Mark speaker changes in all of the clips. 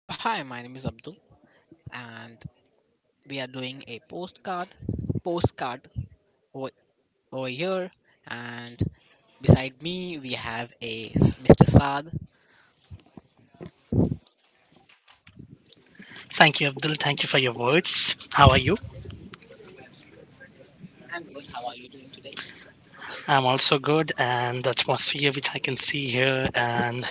Speaker 1: Hello, hi, my name is Abdul, and we are doing a postcard over, over here. And beside me, we have a Mr. Saad.
Speaker 2: Thank you, Abdul. Thank you for your words. How are you?
Speaker 1: And-
Speaker 2: I'm also good, and the atmosphere which I can see here, and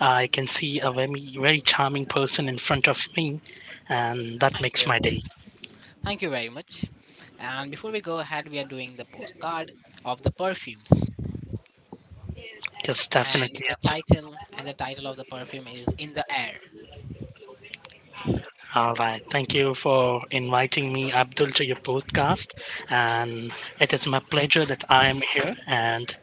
Speaker 2: I can see a very, very charming person in front of me, and
Speaker 1: Oh,
Speaker 2: that makes my day.
Speaker 1: thank you very much. And before we go ahead, we are doing the postcard of the perfumes,
Speaker 2: Just
Speaker 1: and
Speaker 2: definitely,
Speaker 1: the
Speaker 2: Abdul.
Speaker 1: title of the perfume is "In the Air."
Speaker 2: All right. Thank you for inviting me, Abdul, to your podcast. And it is my pleasure that I am here and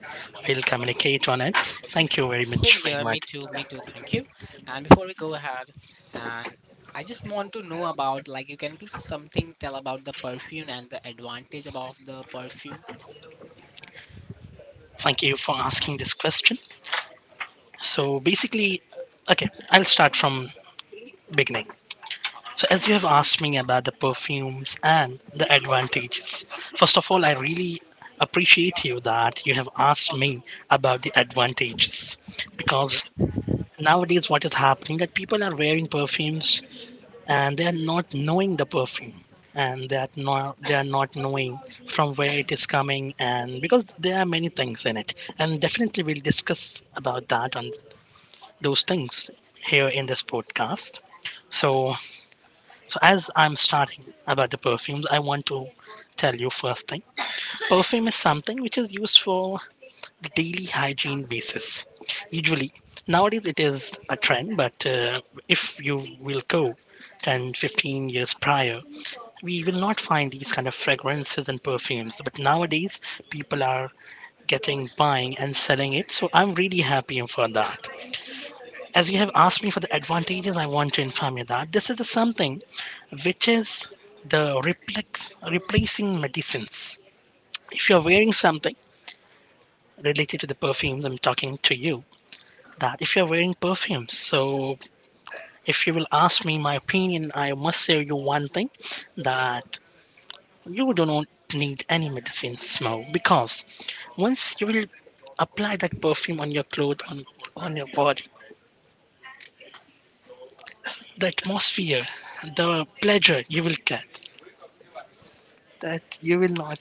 Speaker 2: we'll communicate on it. Thank you very much
Speaker 1: Same
Speaker 2: for
Speaker 1: here,
Speaker 2: inviting.
Speaker 1: me too. Thank you. And before we go ahead, and I just want to know about, like, you can please something tell about the perfume and the advantage about the perfume.
Speaker 2: Thank you for asking this question. So basically, okay, I'll start from beginning. So as you have asked me about the perfumes and the advantages, first of all, I really appreciate you that you have asked me about the advantages
Speaker 1: Thank you.
Speaker 2: because nowadays what is happening that people are wearing perfumes and they are not knowing the perfume and they are not knowing from where it is coming, and because there are many things in it, and definitely we'll discuss about that on those things here in this podcast. So, so as I'm starting about the perfumes, I want to tell you first thing. Perfume is something which is used for the daily hygiene basis. Usually, nowadays it is a trend, but if you will go 10, 15 years prior, we will not find these kind of fragrances and perfumes. But nowadays, people are getting buying and selling it. So I'm really happy for that. As you have asked me for the advantages, I want to inform you that this is the something which is the replacing medicines. If you're wearing something related to the perfumes, I'm talking to you. That if you're wearing perfumes, so if you will ask me my opinion, I must say you one thing that you do not need any medicine smell, because once you will apply that perfume on your clothes, on your body, the atmosphere, the pleasure you will get, that you will not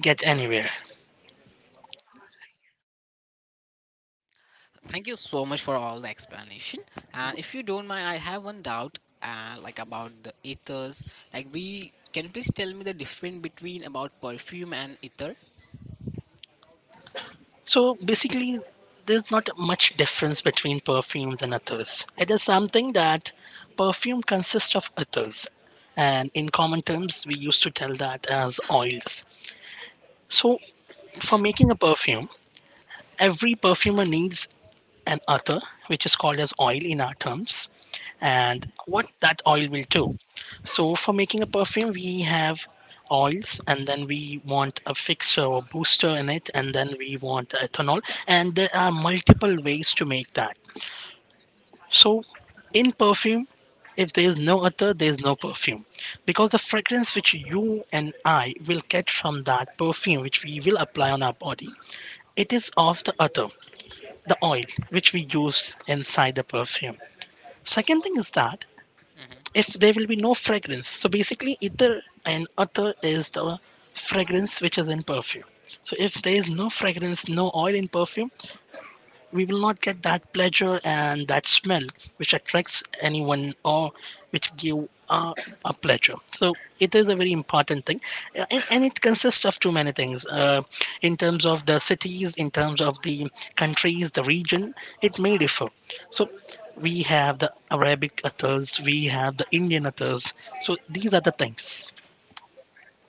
Speaker 2: get anywhere.
Speaker 1: Thank you so much for all the explanation. And if you don't mind, I have one doubt, like about the ethers. Like, we can you please tell me the difference between about perfume and ether.
Speaker 2: So basically, there's not much difference between perfumes and others. It is something that perfume consists of others. And in common terms, we used to tell that as oils. So, for
Speaker 1: Hmm.
Speaker 2: making a perfume, every perfumer needs an ether, which is called as oil in our terms. And what that oil will do. So for making a perfume, we have oils, and then we want a fixer or booster in it, and then we want the ethanol, and there are multiple ways to make that. So in perfume, if there is no ether, there is no perfume, because the fragrance which you and I will get from that perfume which we will apply on our body, it is of the ether, the oil which we use inside the perfume. Second thing is that,
Speaker 1: Hmm.
Speaker 2: if there will be no fragrance. So basically, ether and other is the fragrance which is in perfume. So if there is no fragrance, no oil in perfume, we will not get that pleasure and that smell which attracts anyone or which give a pleasure, so it is a very important thing. And it consists of too many things, in terms of the cities, in terms of the countries, the region, it may differ. So we have the Arabic authors, we have the Indian authors. So these are the things.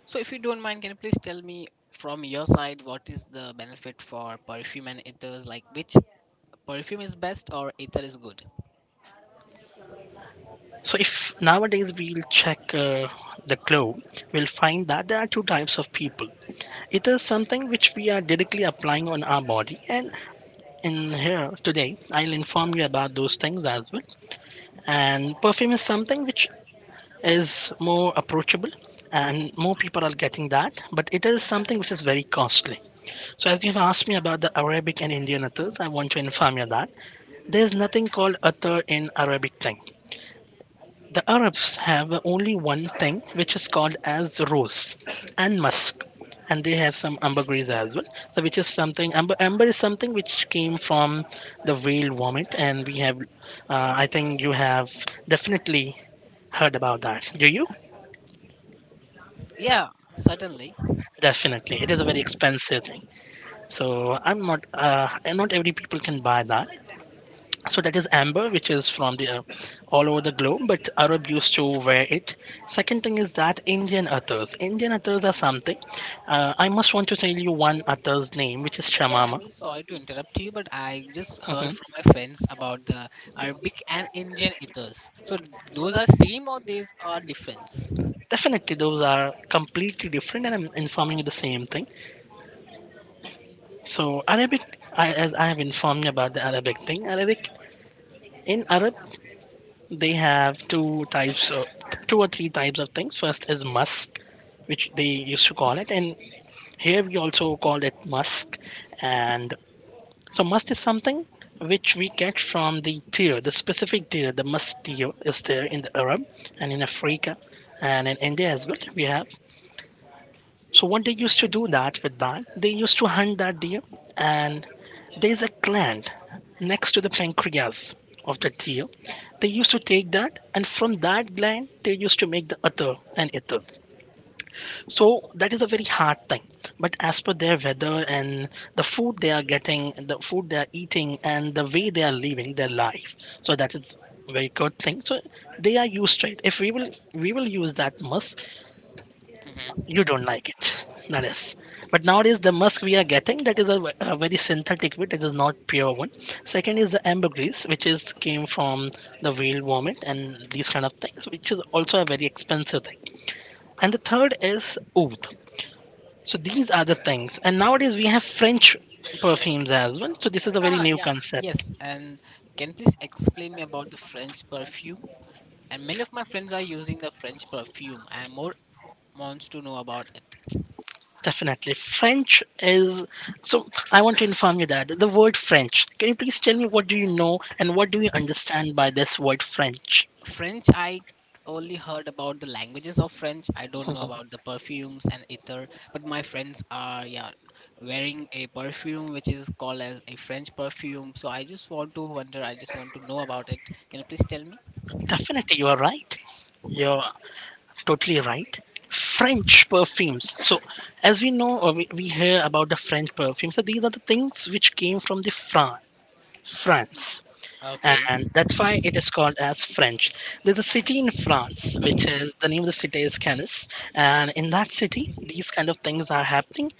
Speaker 1: So if you don't mind, can you please tell me from your side what is the benefit for perfume and ethers? Like, which perfume is best or ether is good?
Speaker 2: So if nowadays we'll check the globe, we'll find that there are two types of people. It is something which we are directly applying on our body. And in here today, I'll inform you about those things as well. And perfume is something which is more approachable, and more people are getting that, but it is something which is very costly. So, as you've asked me about the Arabic and Indian attars, I want to inform you that there's nothing called attar in Arabic thing. The Arabs have only one thing which is called as rose and musk, and they have some ambergris as well. So, which is something amber, amber is something which came from the whale vomit, and we have, I think you have definitely heard about that. Do you?
Speaker 1: Yeah, certainly.
Speaker 2: Definitely, it is a very expensive thing. So, I'm not, and not every people can buy that. So that is amber, which is from the all over the globe, but Arab used to wear it. Second thing is that Indian athars, Indian athars are something, I must want to tell you one athar's name which is shamama.
Speaker 1: I'm really sorry to interrupt you, but I just
Speaker 2: Hmm.
Speaker 1: heard from my friends about the Arabic and Indian ethers. So those are same or these are difference?
Speaker 2: Definitely those are completely different, and I'm informing you the same thing. So Arabic, as I have informed you about the Arabic thing, Arabic, in Arab, they have two types of two or three types of things. First is musk, which they used to call it, and here we also call it musk. And so must is something which we get from the deer, the specific deer. The musk deer is there in the Arab, and in Africa, and in India as well, we have. So what they used to do, that with that, they used to hunt that deer, and there's a gland next to the pancreas of the deer. They used to take that, and from that gland they used to make the ether and ether. So that is a very hard thing. But as per their weather, and the food they are getting, the food they are eating, and the way they are living their life, so that is very good thing. So they are used to it. If we will use that musk,
Speaker 1: Mm-hmm.
Speaker 2: you don't like it. That is. But nowadays the musk we are getting, that is a very synthetic one. It is not pure one. Second is the amber grease, which is came from the whale vomit and these kind of things, which is also a very expensive thing. And the third is oud. So these are the things. And nowadays we have French perfumes as well. So this is a very, ah,
Speaker 1: Ah,
Speaker 2: new, yeah,
Speaker 1: yeah,
Speaker 2: concept. Yes.
Speaker 1: yes. And can you please explain me about the French perfume? And many of my friends are using the French perfume. I am more wants to know about it.
Speaker 2: Definitely. French is, so I want to inform you that the word French. Can you please tell me what do you know and what do you understand by this word French?
Speaker 1: French, I only heard about the languages of French. I don't know about the
Speaker 2: Mhm.
Speaker 1: perfumes and ether, but my friends are, yeah, wearing a perfume which is called as a French perfume. So I just want to wonder. I just want to know about it. Can you please tell me?
Speaker 2: Definitely you are right. You're totally right. French perfumes, so as we know, or we hear about the French perfumes, so these are the things which came from the France,
Speaker 1: Okay.
Speaker 2: and that's why it is called as French. There's a city in France, which is, the name of the city is Canis, and in that city these kind of things are happening.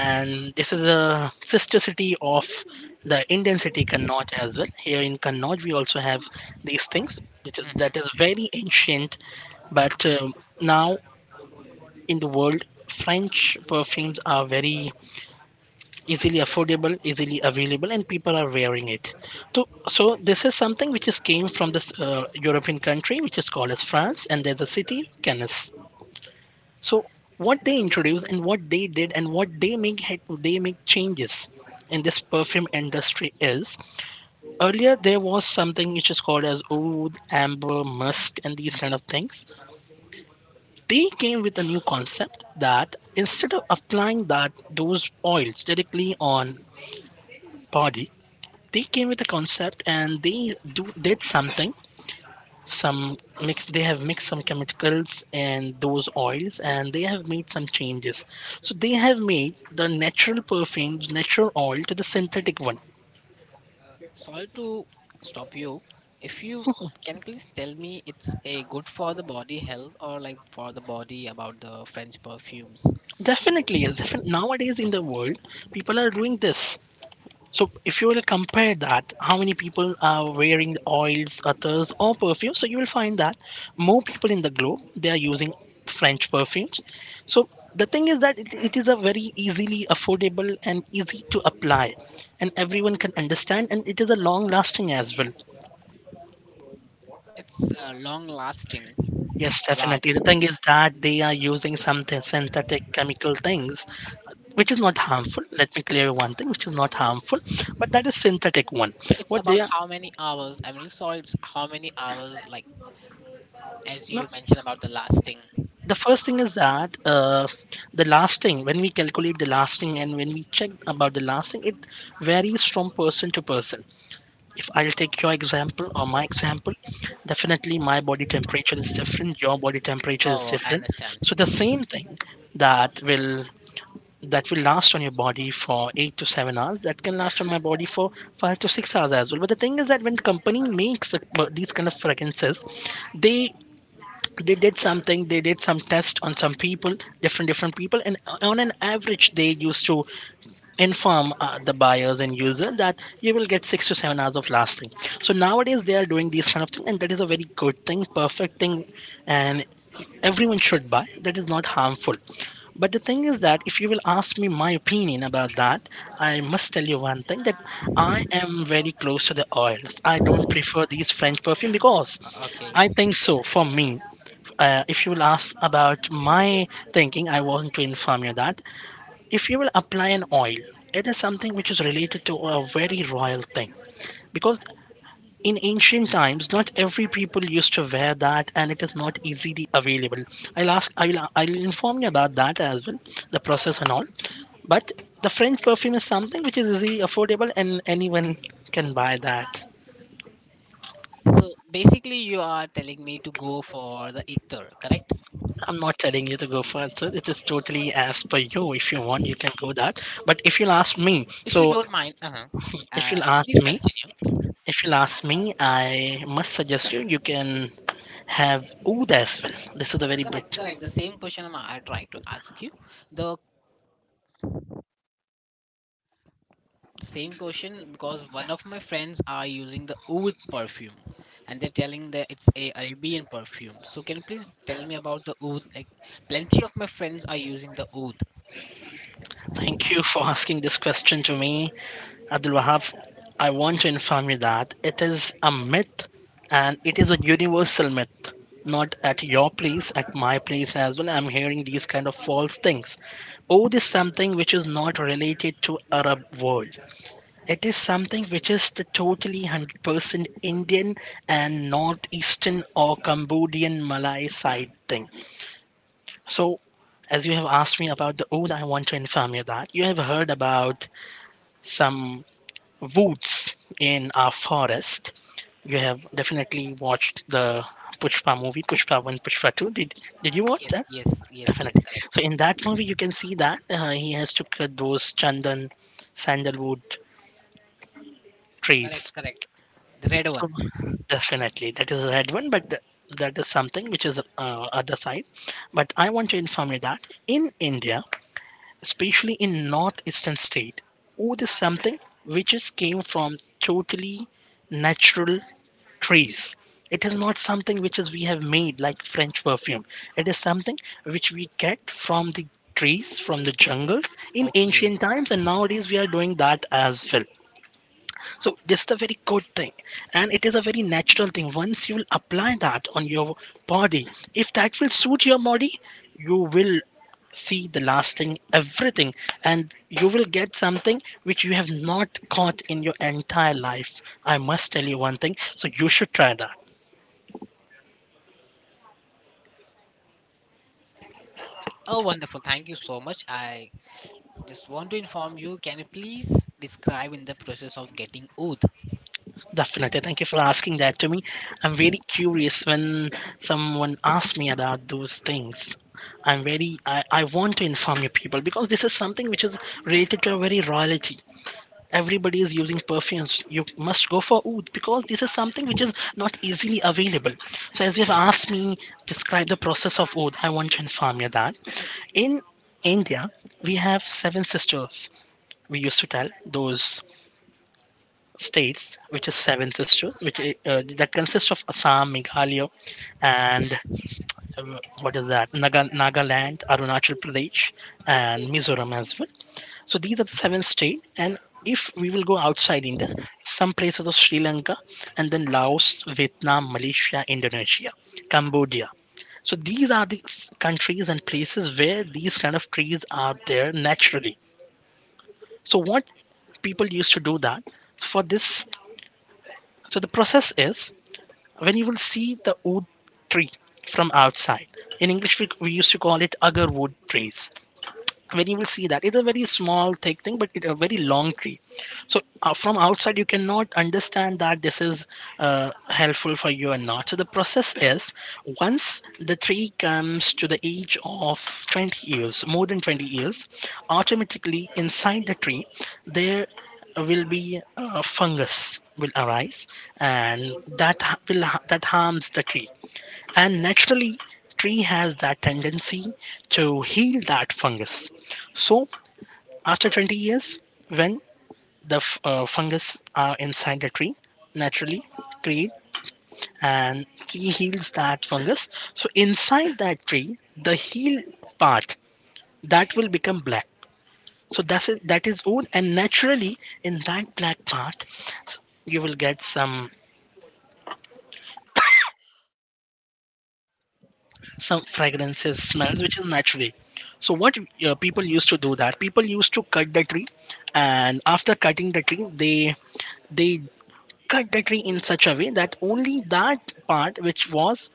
Speaker 2: And this is a sister city of the Indian city Connaught, as well. Here in Connaught we also have these things that is
Speaker 1: Hmm.
Speaker 2: very ancient. But now in the world, French perfumes are very easily affordable, easily available, and people are wearing it. So, so, this is something which is came from this European country, which is called as France, and there's a city Cannes. So what they introduced, and what they did, and what they make, they make changes in this perfume industry is, earlier there was something which is called as oud, amber, musk, and these kind of things. They came with a new concept that, instead of applying that, those oils directly on body, they came with a concept, and they do did something. Some mix, they have mixed some chemicals and those oils, and they have made some changes. So they have made the natural perfumes, natural oil, to the synthetic one.
Speaker 1: Sorry to stop you. If you can please tell me, it's a good for the body health or like for the body about the French perfumes.
Speaker 2: Definitely yes, nowadays in the world, people are doing this. So if you will compare that, how many people are wearing oils, others, or perfume? So you will find that more people in the globe, they are using French perfumes. So the thing is that it is a very easily affordable and easy to apply, and everyone can understand, and it is a long lasting as well.
Speaker 1: It's long lasting.
Speaker 2: Yes,
Speaker 1: Wow.
Speaker 2: definitely. The thing is that they are using some synthetic chemical things, which is not harmful. Let me clear one thing, which is not harmful, but that is synthetic one.
Speaker 1: So it's
Speaker 2: What they
Speaker 1: about
Speaker 2: are,
Speaker 1: how many hours. I'm really sorry. It's how many hours, like as
Speaker 2: no,
Speaker 1: you mentioned about the lasting.
Speaker 2: the first thing is that, the lasting, when we calculate the lasting and when we check about the lasting, it varies from person to person. If I'll take your example or my example, definitely my body temperature is different, your body temperature is
Speaker 1: Oh, I
Speaker 2: different.
Speaker 1: understand.
Speaker 2: So the same thing that will that will last on your body for 8 to 7 hours that can last on my body for 5 to 6 hours as well. But the thing is that when company makes these kind of fragrances, they they did something. They did some test on some people, different people, and on an average they used to inform the buyers and user that you will get 6 to 7 hours of lasting. So nowadays they are doing these kind of thing and that is a very good thing, perfect thing, and everyone should buy. That is not harmful. But the thing is that if you will ask me my opinion about that, I must tell you one thing, that I am very close to the oils. I don't prefer these french perfume because
Speaker 1: Okay.
Speaker 2: I think so. For me, if you will ask about my thinking, I want to inform you that if you will apply an oil, it is something which is related to a very royal thing, because in ancient times not every people used to wear that and it is not easily available. I'll ask i will i'll inform you about that as well, the process and all. But the french perfume is something which is easily affordable and anyone can buy that.
Speaker 1: So basically, you are telling me to go for the ether, correct?
Speaker 2: I'm not telling you to go for it. It is totally as per you. If you want, you can go that, but if you'll ask me,
Speaker 1: If you
Speaker 2: so
Speaker 1: don't mind, uh-huh,
Speaker 2: if you'll ask
Speaker 1: please
Speaker 2: me,
Speaker 1: continue.
Speaker 2: I must suggest you you can have Oud as well. This is a very big.
Speaker 1: Correct, correct. The same question I trying to ask you. The same question because one of my friends are using the oud perfume and they're telling that it's a arabian perfume, so can you please tell me about the oud? Like, plenty of my friends are using the oud.
Speaker 2: Thank you for asking this question to me, Abdul Wahab. I want to inform you that it is a myth, and it is a universal myth. Not at your place, at my place as well. I'm hearing these kind of false things. Oud is something which is not related to Arab world. It is something which is the totally 100% Indian and northeastern or Cambodian Malay side thing. So, as you have asked me about the Oud, I want to inform you that you have heard about some woods in our forest. You have definitely watched the Pushpa movie, Pushpa 1, Pushpa 2. Did you watch
Speaker 1: Yes,
Speaker 2: that?
Speaker 1: yes, yes, yes,
Speaker 2: Definitely.
Speaker 1: correct.
Speaker 2: So, in that movie, you can see that he has to cut those chandan, sandalwood
Speaker 1: Correct,
Speaker 2: trees.
Speaker 1: correct, the red one.
Speaker 2: So definitely, that is a red one, but that is something which is other side. But I want to inform you that in India, especially in northeastern state, wood is something which is came from totally natural trees. It is not something which is we have made like French perfume. It is something which we get from the trees, from the jungles in ancient
Speaker 1: Okay.
Speaker 2: times, and nowadays we are doing that as well. So this is a very good thing and it is a very natural thing. Once you will apply that on your body, if that will suit your body, you will see the lasting, everything, and you will get something which you have not caught in your entire life. I must tell you one thing, so you should try that.
Speaker 1: Oh, wonderful, thank you so much. I just want to inform you, can you please describe in the process of getting oud?
Speaker 2: Definitely. Thank you for asking
Speaker 1: And
Speaker 2: that to me. I'm very curious when someone asks me about those things. I want to inform you people, because this is something which is related to a very royalty. Everybody is using perfumes. You must go for oud because this is something which is not easily available. So, as you've asked me, describe the process of oud, I want to inform you that in India, we have seven sisters. We used to tell those states, which is seven sisters, which that consists of Assam, Meghalaya, and what is that? Naga, Nagaland, Arunachal Pradesh, and Mizoram as well. So these are the seven states. And if we will go outside India, some places of Sri Lanka, and then Laos, Vietnam, Malaysia, Indonesia, Cambodia. So these are the countries and places where these kind of trees are there naturally. So what people used to do that, so for this, so the process is, when you will see the oud tree from outside, in english we used to call it agar wood trees. When you will see that, it's a very small thick thing, but it's a very long tree. So from outside you cannot understand that this is helpful for you or not. So the process is, once the tree comes to the age of 20 years, more than 20 years, automatically inside the tree there will be fungus will arise, and that ha- will ha- that harms the tree. And naturally tree has that tendency to heal that fungus. So after 20 years, when the fungus are inside the tree naturally create, and tree heals that fungus. So inside that tree, the heal part, that will become black. So that's it, that is old. And naturally in that black part you will get some fragrances smells which is naturally. So what people used to do, that people used to cut the tree, and after cutting the tree they cut the tree in such a way that only that part which was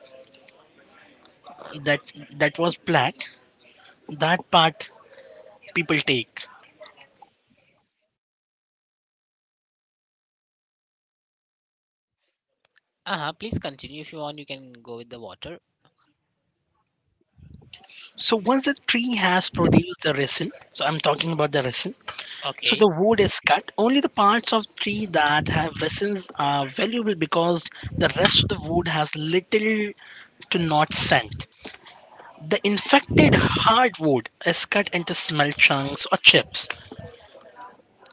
Speaker 2: that, that was black, that part people take.
Speaker 1: uh-huh, please continue. If you want, you can go with the water.
Speaker 2: So once the tree has produced the resin, so I'm talking about the resin, so
Speaker 1: Okay.
Speaker 2: the wood is cut. Only the parts of tree that have resins are valuable because the rest of the wood has little to not scent. The infected hardwood is cut into small chunks or chips.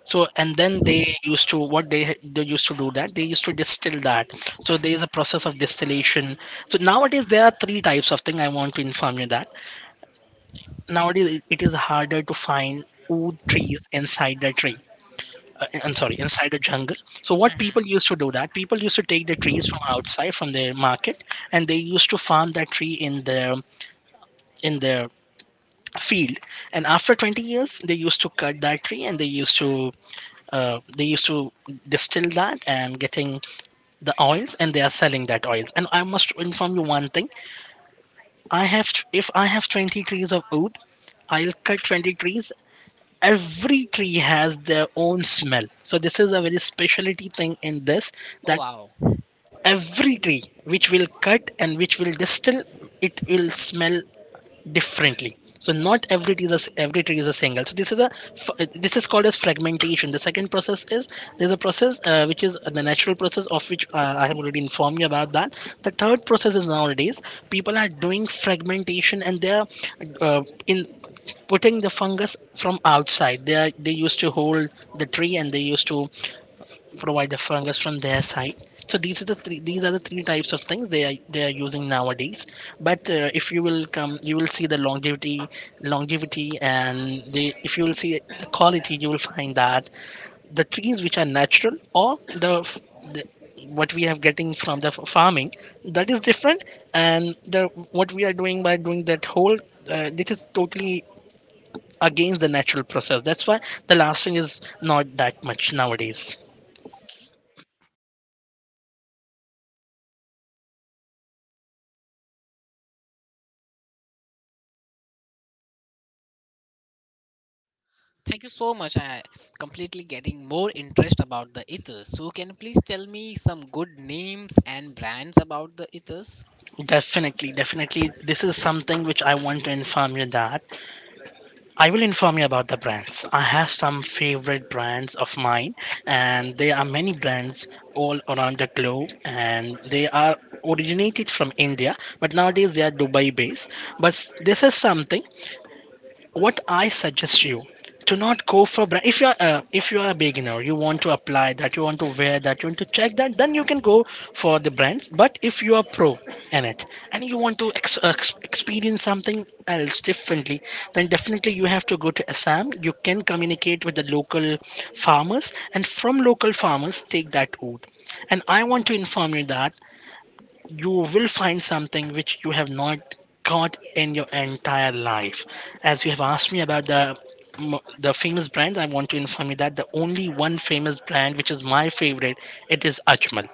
Speaker 2: So and then they used to, what they used to do, that they used to distill that. So there is a process of distillation. So nowadays there are three types of thing. I want to inform you that nowadays it is harder to find wood trees inside the tree. I'm sorry, inside the jungle. So what
Speaker 1: Mhm.
Speaker 2: people used to do, that people used to take the trees from outside, from the market, and they used to farm that tree in their field, and after 20 years they used to cut that tree and they used to uh, they used to distill that and getting the oils, and they are selling that oils. And I must inform you one thing, I have, if I have 20 trees of oud, I'll cut 20 trees. Every tree has their own smell, so this is a very specialty thing in this,
Speaker 1: Oh,
Speaker 2: that
Speaker 1: wow.
Speaker 2: every tree which will cut and which will distill, it will smell differently. So not every tree is a, every tree is a single. So this is a this is called as fragmentation. The second process is, there's a process which is the natural process, of which I have already informed you about that. The third process is, nowadays people are doing fragmentation and they're in putting the fungus from outside. They used to hold the tree and they used to provide the fungus from their side. So these are the three, types of things they are using nowadays. But if you will come, you will see the longevity, longevity. And the if you will see quality, you will find that the trees which are natural, or the, f- the, what we have getting from the farming, that is different. And the, what we are doing by doing that whole, this is totally against the natural process. That's why the lasting is not that much nowadays.
Speaker 1: Thank you so much. I completely getting more interest about the ethers. So can you please tell me some good names and brands about the ethers?
Speaker 2: Definitely, definitely. This is something which I want to inform you that I will inform you about the brands. I have some favorite brands of mine, and there are many brands all around the globe, and they are originated from India, but nowadays they are Dubai based. But this is something what I suggest you to not go for brand. If you're if you are a beginner, you want to apply that, you want to wear that, you want to check that, then you can go for the brands. But if you are pro in it, and you want to experience something else differently, then definitely you have to go to Assam. You can communicate with the local farmers, and from local farmers take that oath. And I want to inform you that you will find something which you have not got in your entire life. As you have asked me about the the famous brand, I want to inform you that the only one famous brand which is my favorite, it is Ajmal.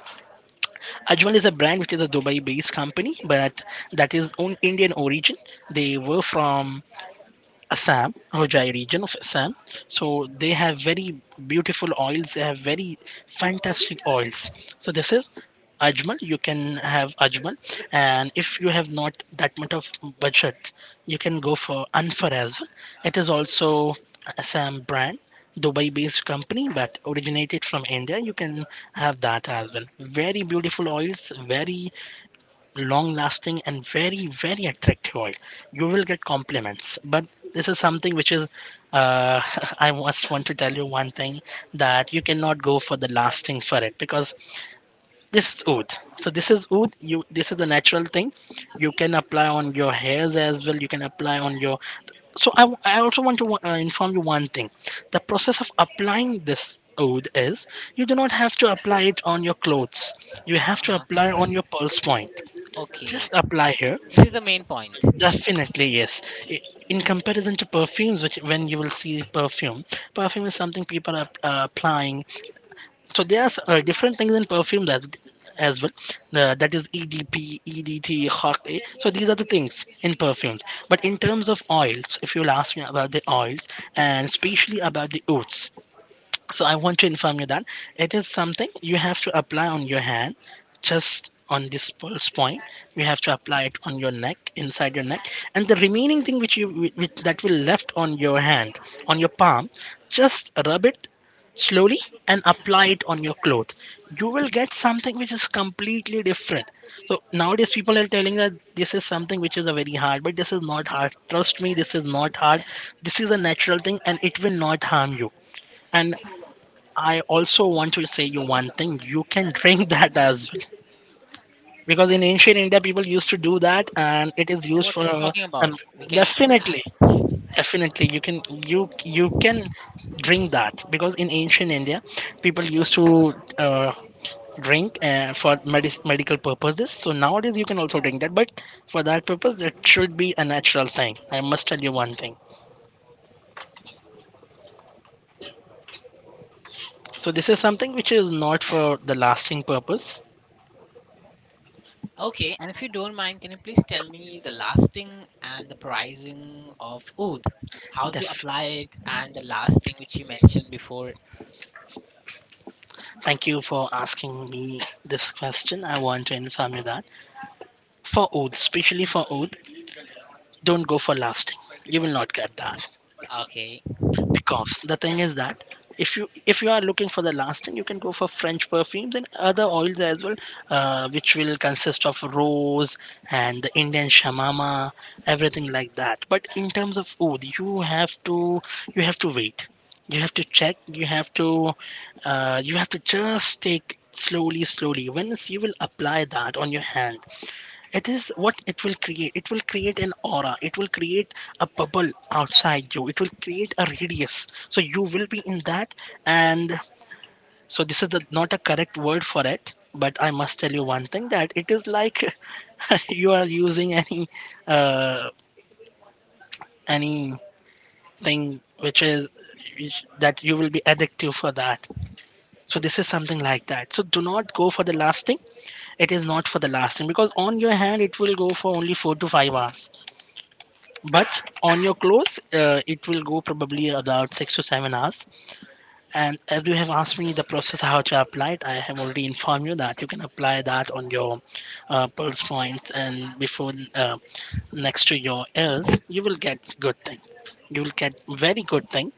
Speaker 2: Ajmal is a brand which is a Dubai-based company, but that is on Indian origin. They were from Assam, Hojai region of Assam. So they have very beautiful oils. They have very fantastic oils. So this is Ajmal. You can have Ajmal, and if you have not that much of budget, you can go for Anfar as well. It is also Assam brand. Dubai-based company, but originated from India. You can have that as well. Very beautiful oils, very long lasting and very very attractive oil. You will get compliments, but this is something which is uh, I must want to tell you one thing that you cannot go for the lasting for it because this is oud. So this is oud. You this is the natural thing. You can apply on your hairs as well. You can apply on your. So I also want to inform you one thing. The process of applying this oud is you do not have to apply it on your clothes. You have to
Speaker 1: Uh-huh.
Speaker 2: apply on your pulse point.
Speaker 1: Okay.
Speaker 2: Just apply here.
Speaker 1: This is the main point. Oh,
Speaker 2: Definitely yes. I- in comparison to perfumes, which when you will see perfume, perfume is something people are applying. So there's different things in perfume that as well. That is EDP, EDT, Hawk, eh, so these are the things in perfumes. But in terms of oils, if you will ask me about the oils and especially about the oats, so I want to inform you that it is something you have to apply on your hand, just on this pulse point. You have to apply it on your neck, inside your neck, and the remaining thing which you that will left on your hand, on your palm, just rub it slowly and apply it on your cloth. You will get something which is completely different. So nowadays people are telling that this is something which is a very hard, but this is not hard. Trust me, this is not hard. This is a natural thing, and it will not harm you. And I also want to say you one thing. You can drink that as well. Because in ancient India, people used to do that, and it is used
Speaker 1: what we are
Speaker 2: for
Speaker 1: talking
Speaker 2: um,
Speaker 1: about. We can bring that.
Speaker 2: definitely, definitely. You can you can drink that because in ancient India, people used to uh, drink for medical purposes. So nowadays, you can also drink that, but for that purpose, it should be a natural thing. I must tell you one thing. So this is something which is not for the lasting purpose.
Speaker 1: Okay. And if you don't mind, can you please tell me the lasting and the pricing of oud? How to
Speaker 2: Def-
Speaker 1: apply it and the lasting which you mentioned before.
Speaker 2: Thank you for asking me this question. I want to inform you that for oath, especially for oath, don't go for lasting. You will not get that.
Speaker 1: Okay.
Speaker 2: Because the thing is that if you are looking for the lasting, you can go for French perfumes and other oils as well, which will consist of rose and the Indian shamama, everything like that. But in terms of oud, you have to wait, you have to check, you have to just take slowly slowly once you will apply that on your hand. It is what it will create, it will create an aura, it will create a bubble outside you, it will create a radius, so you will be in that. And so this is the, not a correct word for it, but I must tell you one thing that it is like you are using any uh, anything which is that you will be addictive for that. So this is something like that, so do not go for the lasting. It is not for the lasting because on your hand it will go for only 4 to 5 hours, but on your clothes it will go probably about 6 to 7 hours. And as you have asked me the process how to apply it, I have already informed you that you can apply that on your pulse points, and before next to your ears you will get good thing, you will get very good thing.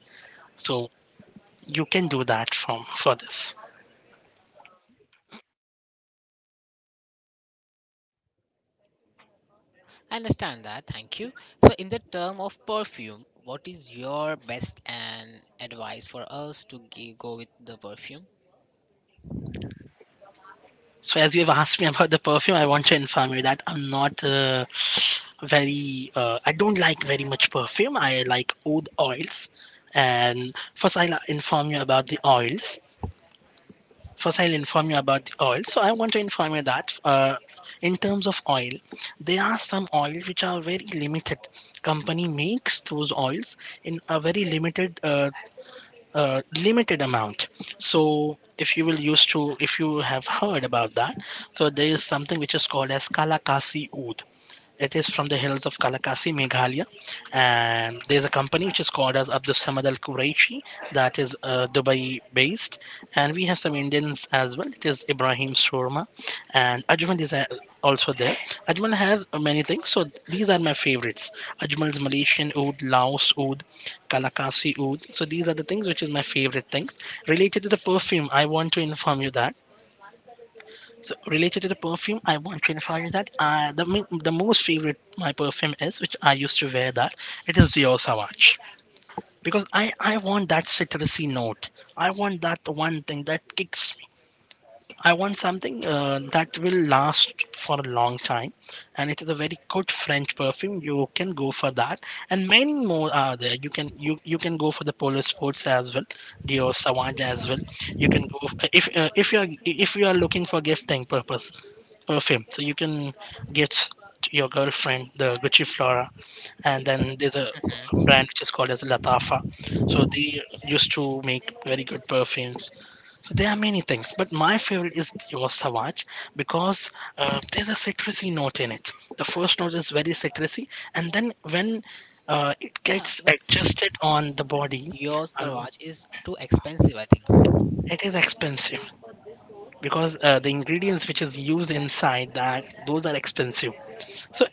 Speaker 2: So you can do that from for this.
Speaker 1: I understand that. Thank you. So, in the term of perfume, what is your best and advice for us to go with the perfume?
Speaker 2: So, as you've asked me about the perfume, I want to inform you that I'm not very. I don't like very much perfume. I like oud oils, and first I'll inform you about the oils. First, I'll inform you about the oil. So, I want to inform you that in terms of oil, there are some oils which are very limited. Company makes those oils in a very limited limited amount. So if you will used to, if you have heard about that, so there is something which is called as Kalakasi oath. It is from the hills of Kalakasi, Meghalaya, and there's a company which is called as Abdul Samad Al Quraishi. That is Dubai based, and we have some Indians as well. It is Ibrahim Surma, and Ajmal is also there. Ajmal has many things, so these are my favorites. Ajmal's Malaysian oud, Laos oud, Kalakasi oud. So these are the things which is my favorite things related to the perfume. I want to inform you that so related to the perfume, I want to inform you that the most favorite my perfume is, which I used to wear that, it is Dior Sauvage. Because I want that citrusy note. I want that one thing that kicks me. I want something that will last for a long time. And it is a very good French perfume. You can go for that. And many more are there. You can you can go for the Polar Sports as well. Dior Sauvage as well. You can go if if you are looking for gifting purpose perfume. So you can gift to your girlfriend the Gucci Flora, and then there's a
Speaker 1: Hmm.
Speaker 2: brand which is called as Latafa. So they used to make very good perfumes. So there are many things, but my favorite is your Savage because there's a citrusy note in it. The first note is very citrusy, and then when it
Speaker 1: Yeah,
Speaker 2: gets
Speaker 1: but
Speaker 2: adjusted on the
Speaker 1: but
Speaker 2: body,
Speaker 1: Dior
Speaker 2: uh,
Speaker 1: Sauvage is too expensive, I think.
Speaker 2: it is expensive because the ingredients which is used inside that, those are expensive. So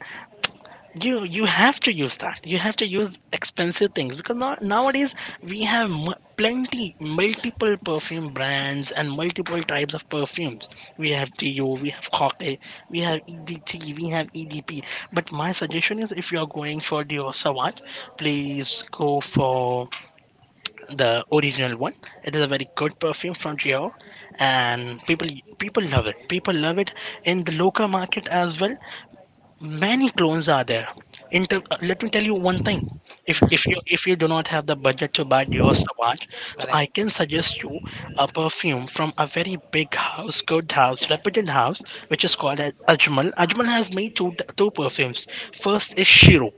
Speaker 2: you have to use that, you have to use expensive things, because now, nowadays we have plenty multiple perfume brands and multiple types of perfumes. We have to, we have Hawke, we have EDT, we have EDP, but my suggestion is if you are going for the Savage, please go for the original one. It is a very good perfume from Dior, and people people love it, people love it. In the local market as well, many clones are there. Let me tell you one thing, if if
Speaker 1: Hmm.
Speaker 2: you if you do not have the budget to buy Dior Sauvage, so
Speaker 1: Correct.
Speaker 2: I can suggest you a perfume from a very big house, good house, reputed house, which is called as Ajmal. Ajmal has made two perfumes. First is Shiro.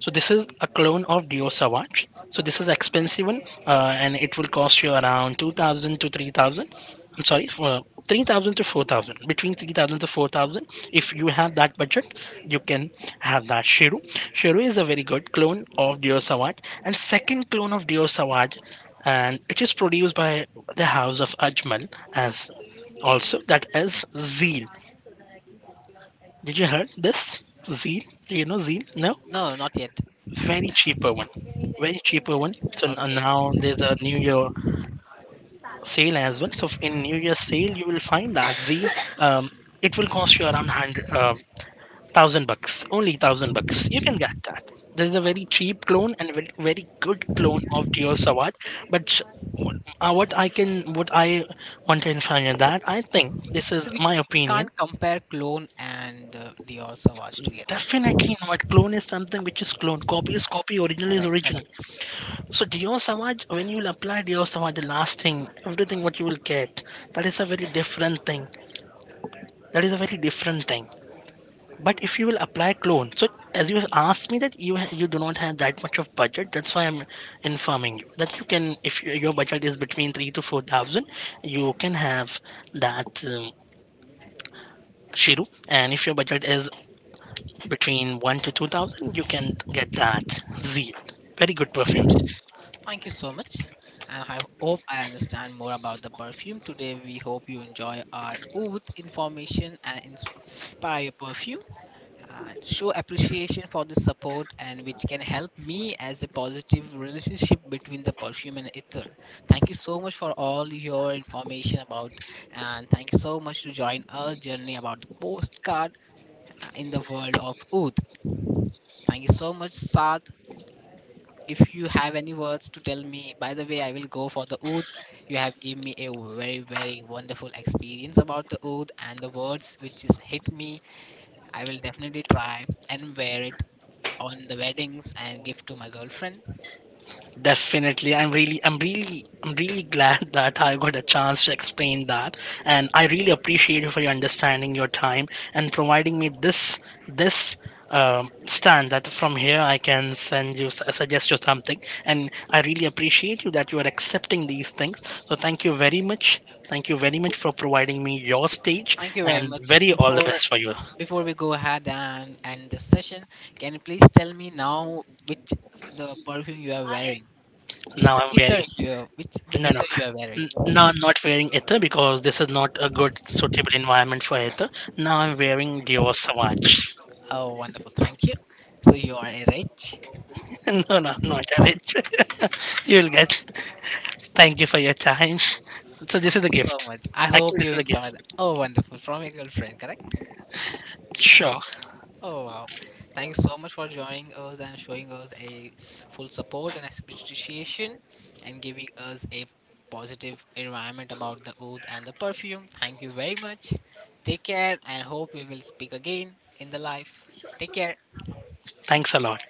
Speaker 2: So this is a clone of Dio Savage. So this is expensive one, and it will cost you around 2,000 to 3,000. I'm sorry, for 3,000 to 4,000. Between 3,000 to 4,000, if you have that budget, you can have that Shiru. Shiru is a very good clone of Dio Savage, and second clone of Dio Savage, and it is produced by the House of Ajmal as also, that is Zeal. Did you heard this? Zeal? Do you know Zeal? No?
Speaker 1: No, not yet.
Speaker 2: Very cheaper one, very cheaper one. So
Speaker 1: Okay.
Speaker 2: now there's a new year sale as well. So in new year sale you will find that the um, it will cost you around 100 thousand bucks, only thousand bucks you can get that. There's a very
Speaker 1: Okay.
Speaker 2: cheap clone and very, very good clone of Dio Sawat. but sh- what I can, what I want to inform you that I think this is
Speaker 1: But
Speaker 2: my
Speaker 1: we
Speaker 2: opinion.
Speaker 1: can't compare Clone and Dior Sauvage together.
Speaker 2: Definitely not. Clone is something which is clone, copy is copy, original is
Speaker 1: Correct,
Speaker 2: original.
Speaker 1: correct.
Speaker 2: So Dior Samaj, when you will apply Dior Samaj, the last thing, everything what you will get, that is a very different thing. That is a very different thing. But if you will apply clone, so as you have asked me that you do not have that much of budget, that's why I'm informing you that you can, if your budget is between 3 to 4,000, you can have that Shiru, and if your budget is between 1 to 2,000, you can get that Zeal. Very good perfumes.
Speaker 1: Thank you so much. And I hope I understand more about the perfume today. We hope you enjoy our oath information and inspire your perfume and show appreciation for the support and which can help me as a positive relationship between the perfume and ether. Thank you so much for all your information about, and thank you so much to join our journey about the postcard in the world of oath. Thank you so much, Saad, if you have any words to tell me, by the way, I will go for the oath. You have given me a very, very wonderful experience about the oath and the words which is hit me. I will definitely try and wear it on the weddings and give to my girlfriend.
Speaker 2: Definitely. I'm really glad that I got a chance to explain that, and I really appreciate you for your understanding, your time, and providing me this this stand that from here I can suggest you something. And I really appreciate you that you are accepting these things. So thank you very much for providing me your stage
Speaker 1: Thank you very
Speaker 2: and
Speaker 1: much.
Speaker 2: very all the best for you.
Speaker 1: Before we go ahead and end this session, can you please tell me now which the perfume you are wearing? Which
Speaker 2: Now
Speaker 1: the
Speaker 2: I'm
Speaker 1: ether
Speaker 2: very.
Speaker 1: you which the
Speaker 2: No, no,
Speaker 1: ether you are wearing?
Speaker 2: No, I'm not wearing ether because this is not a good suitable environment for ether. Now I'm wearing Dior Savage.
Speaker 1: Oh wonderful, thank you. So you are a rich.
Speaker 2: No, no, not a rich. You'll get. Thank you for your time. So this
Speaker 1: Thank
Speaker 2: is a
Speaker 1: you so
Speaker 2: gift.
Speaker 1: much. I
Speaker 2: Actually,
Speaker 1: hope you
Speaker 2: this is a
Speaker 1: enjoyed that.
Speaker 2: gift.
Speaker 1: Oh, wonderful. From your girlfriend, correct?
Speaker 2: Sure.
Speaker 1: Oh, wow. Thank you so much for joining us and showing us a full support and appreciation and giving us a positive environment about the oath and the perfume. Thank you very much. Take care and hope we will speak again in the life. Take care.
Speaker 2: Thanks a lot.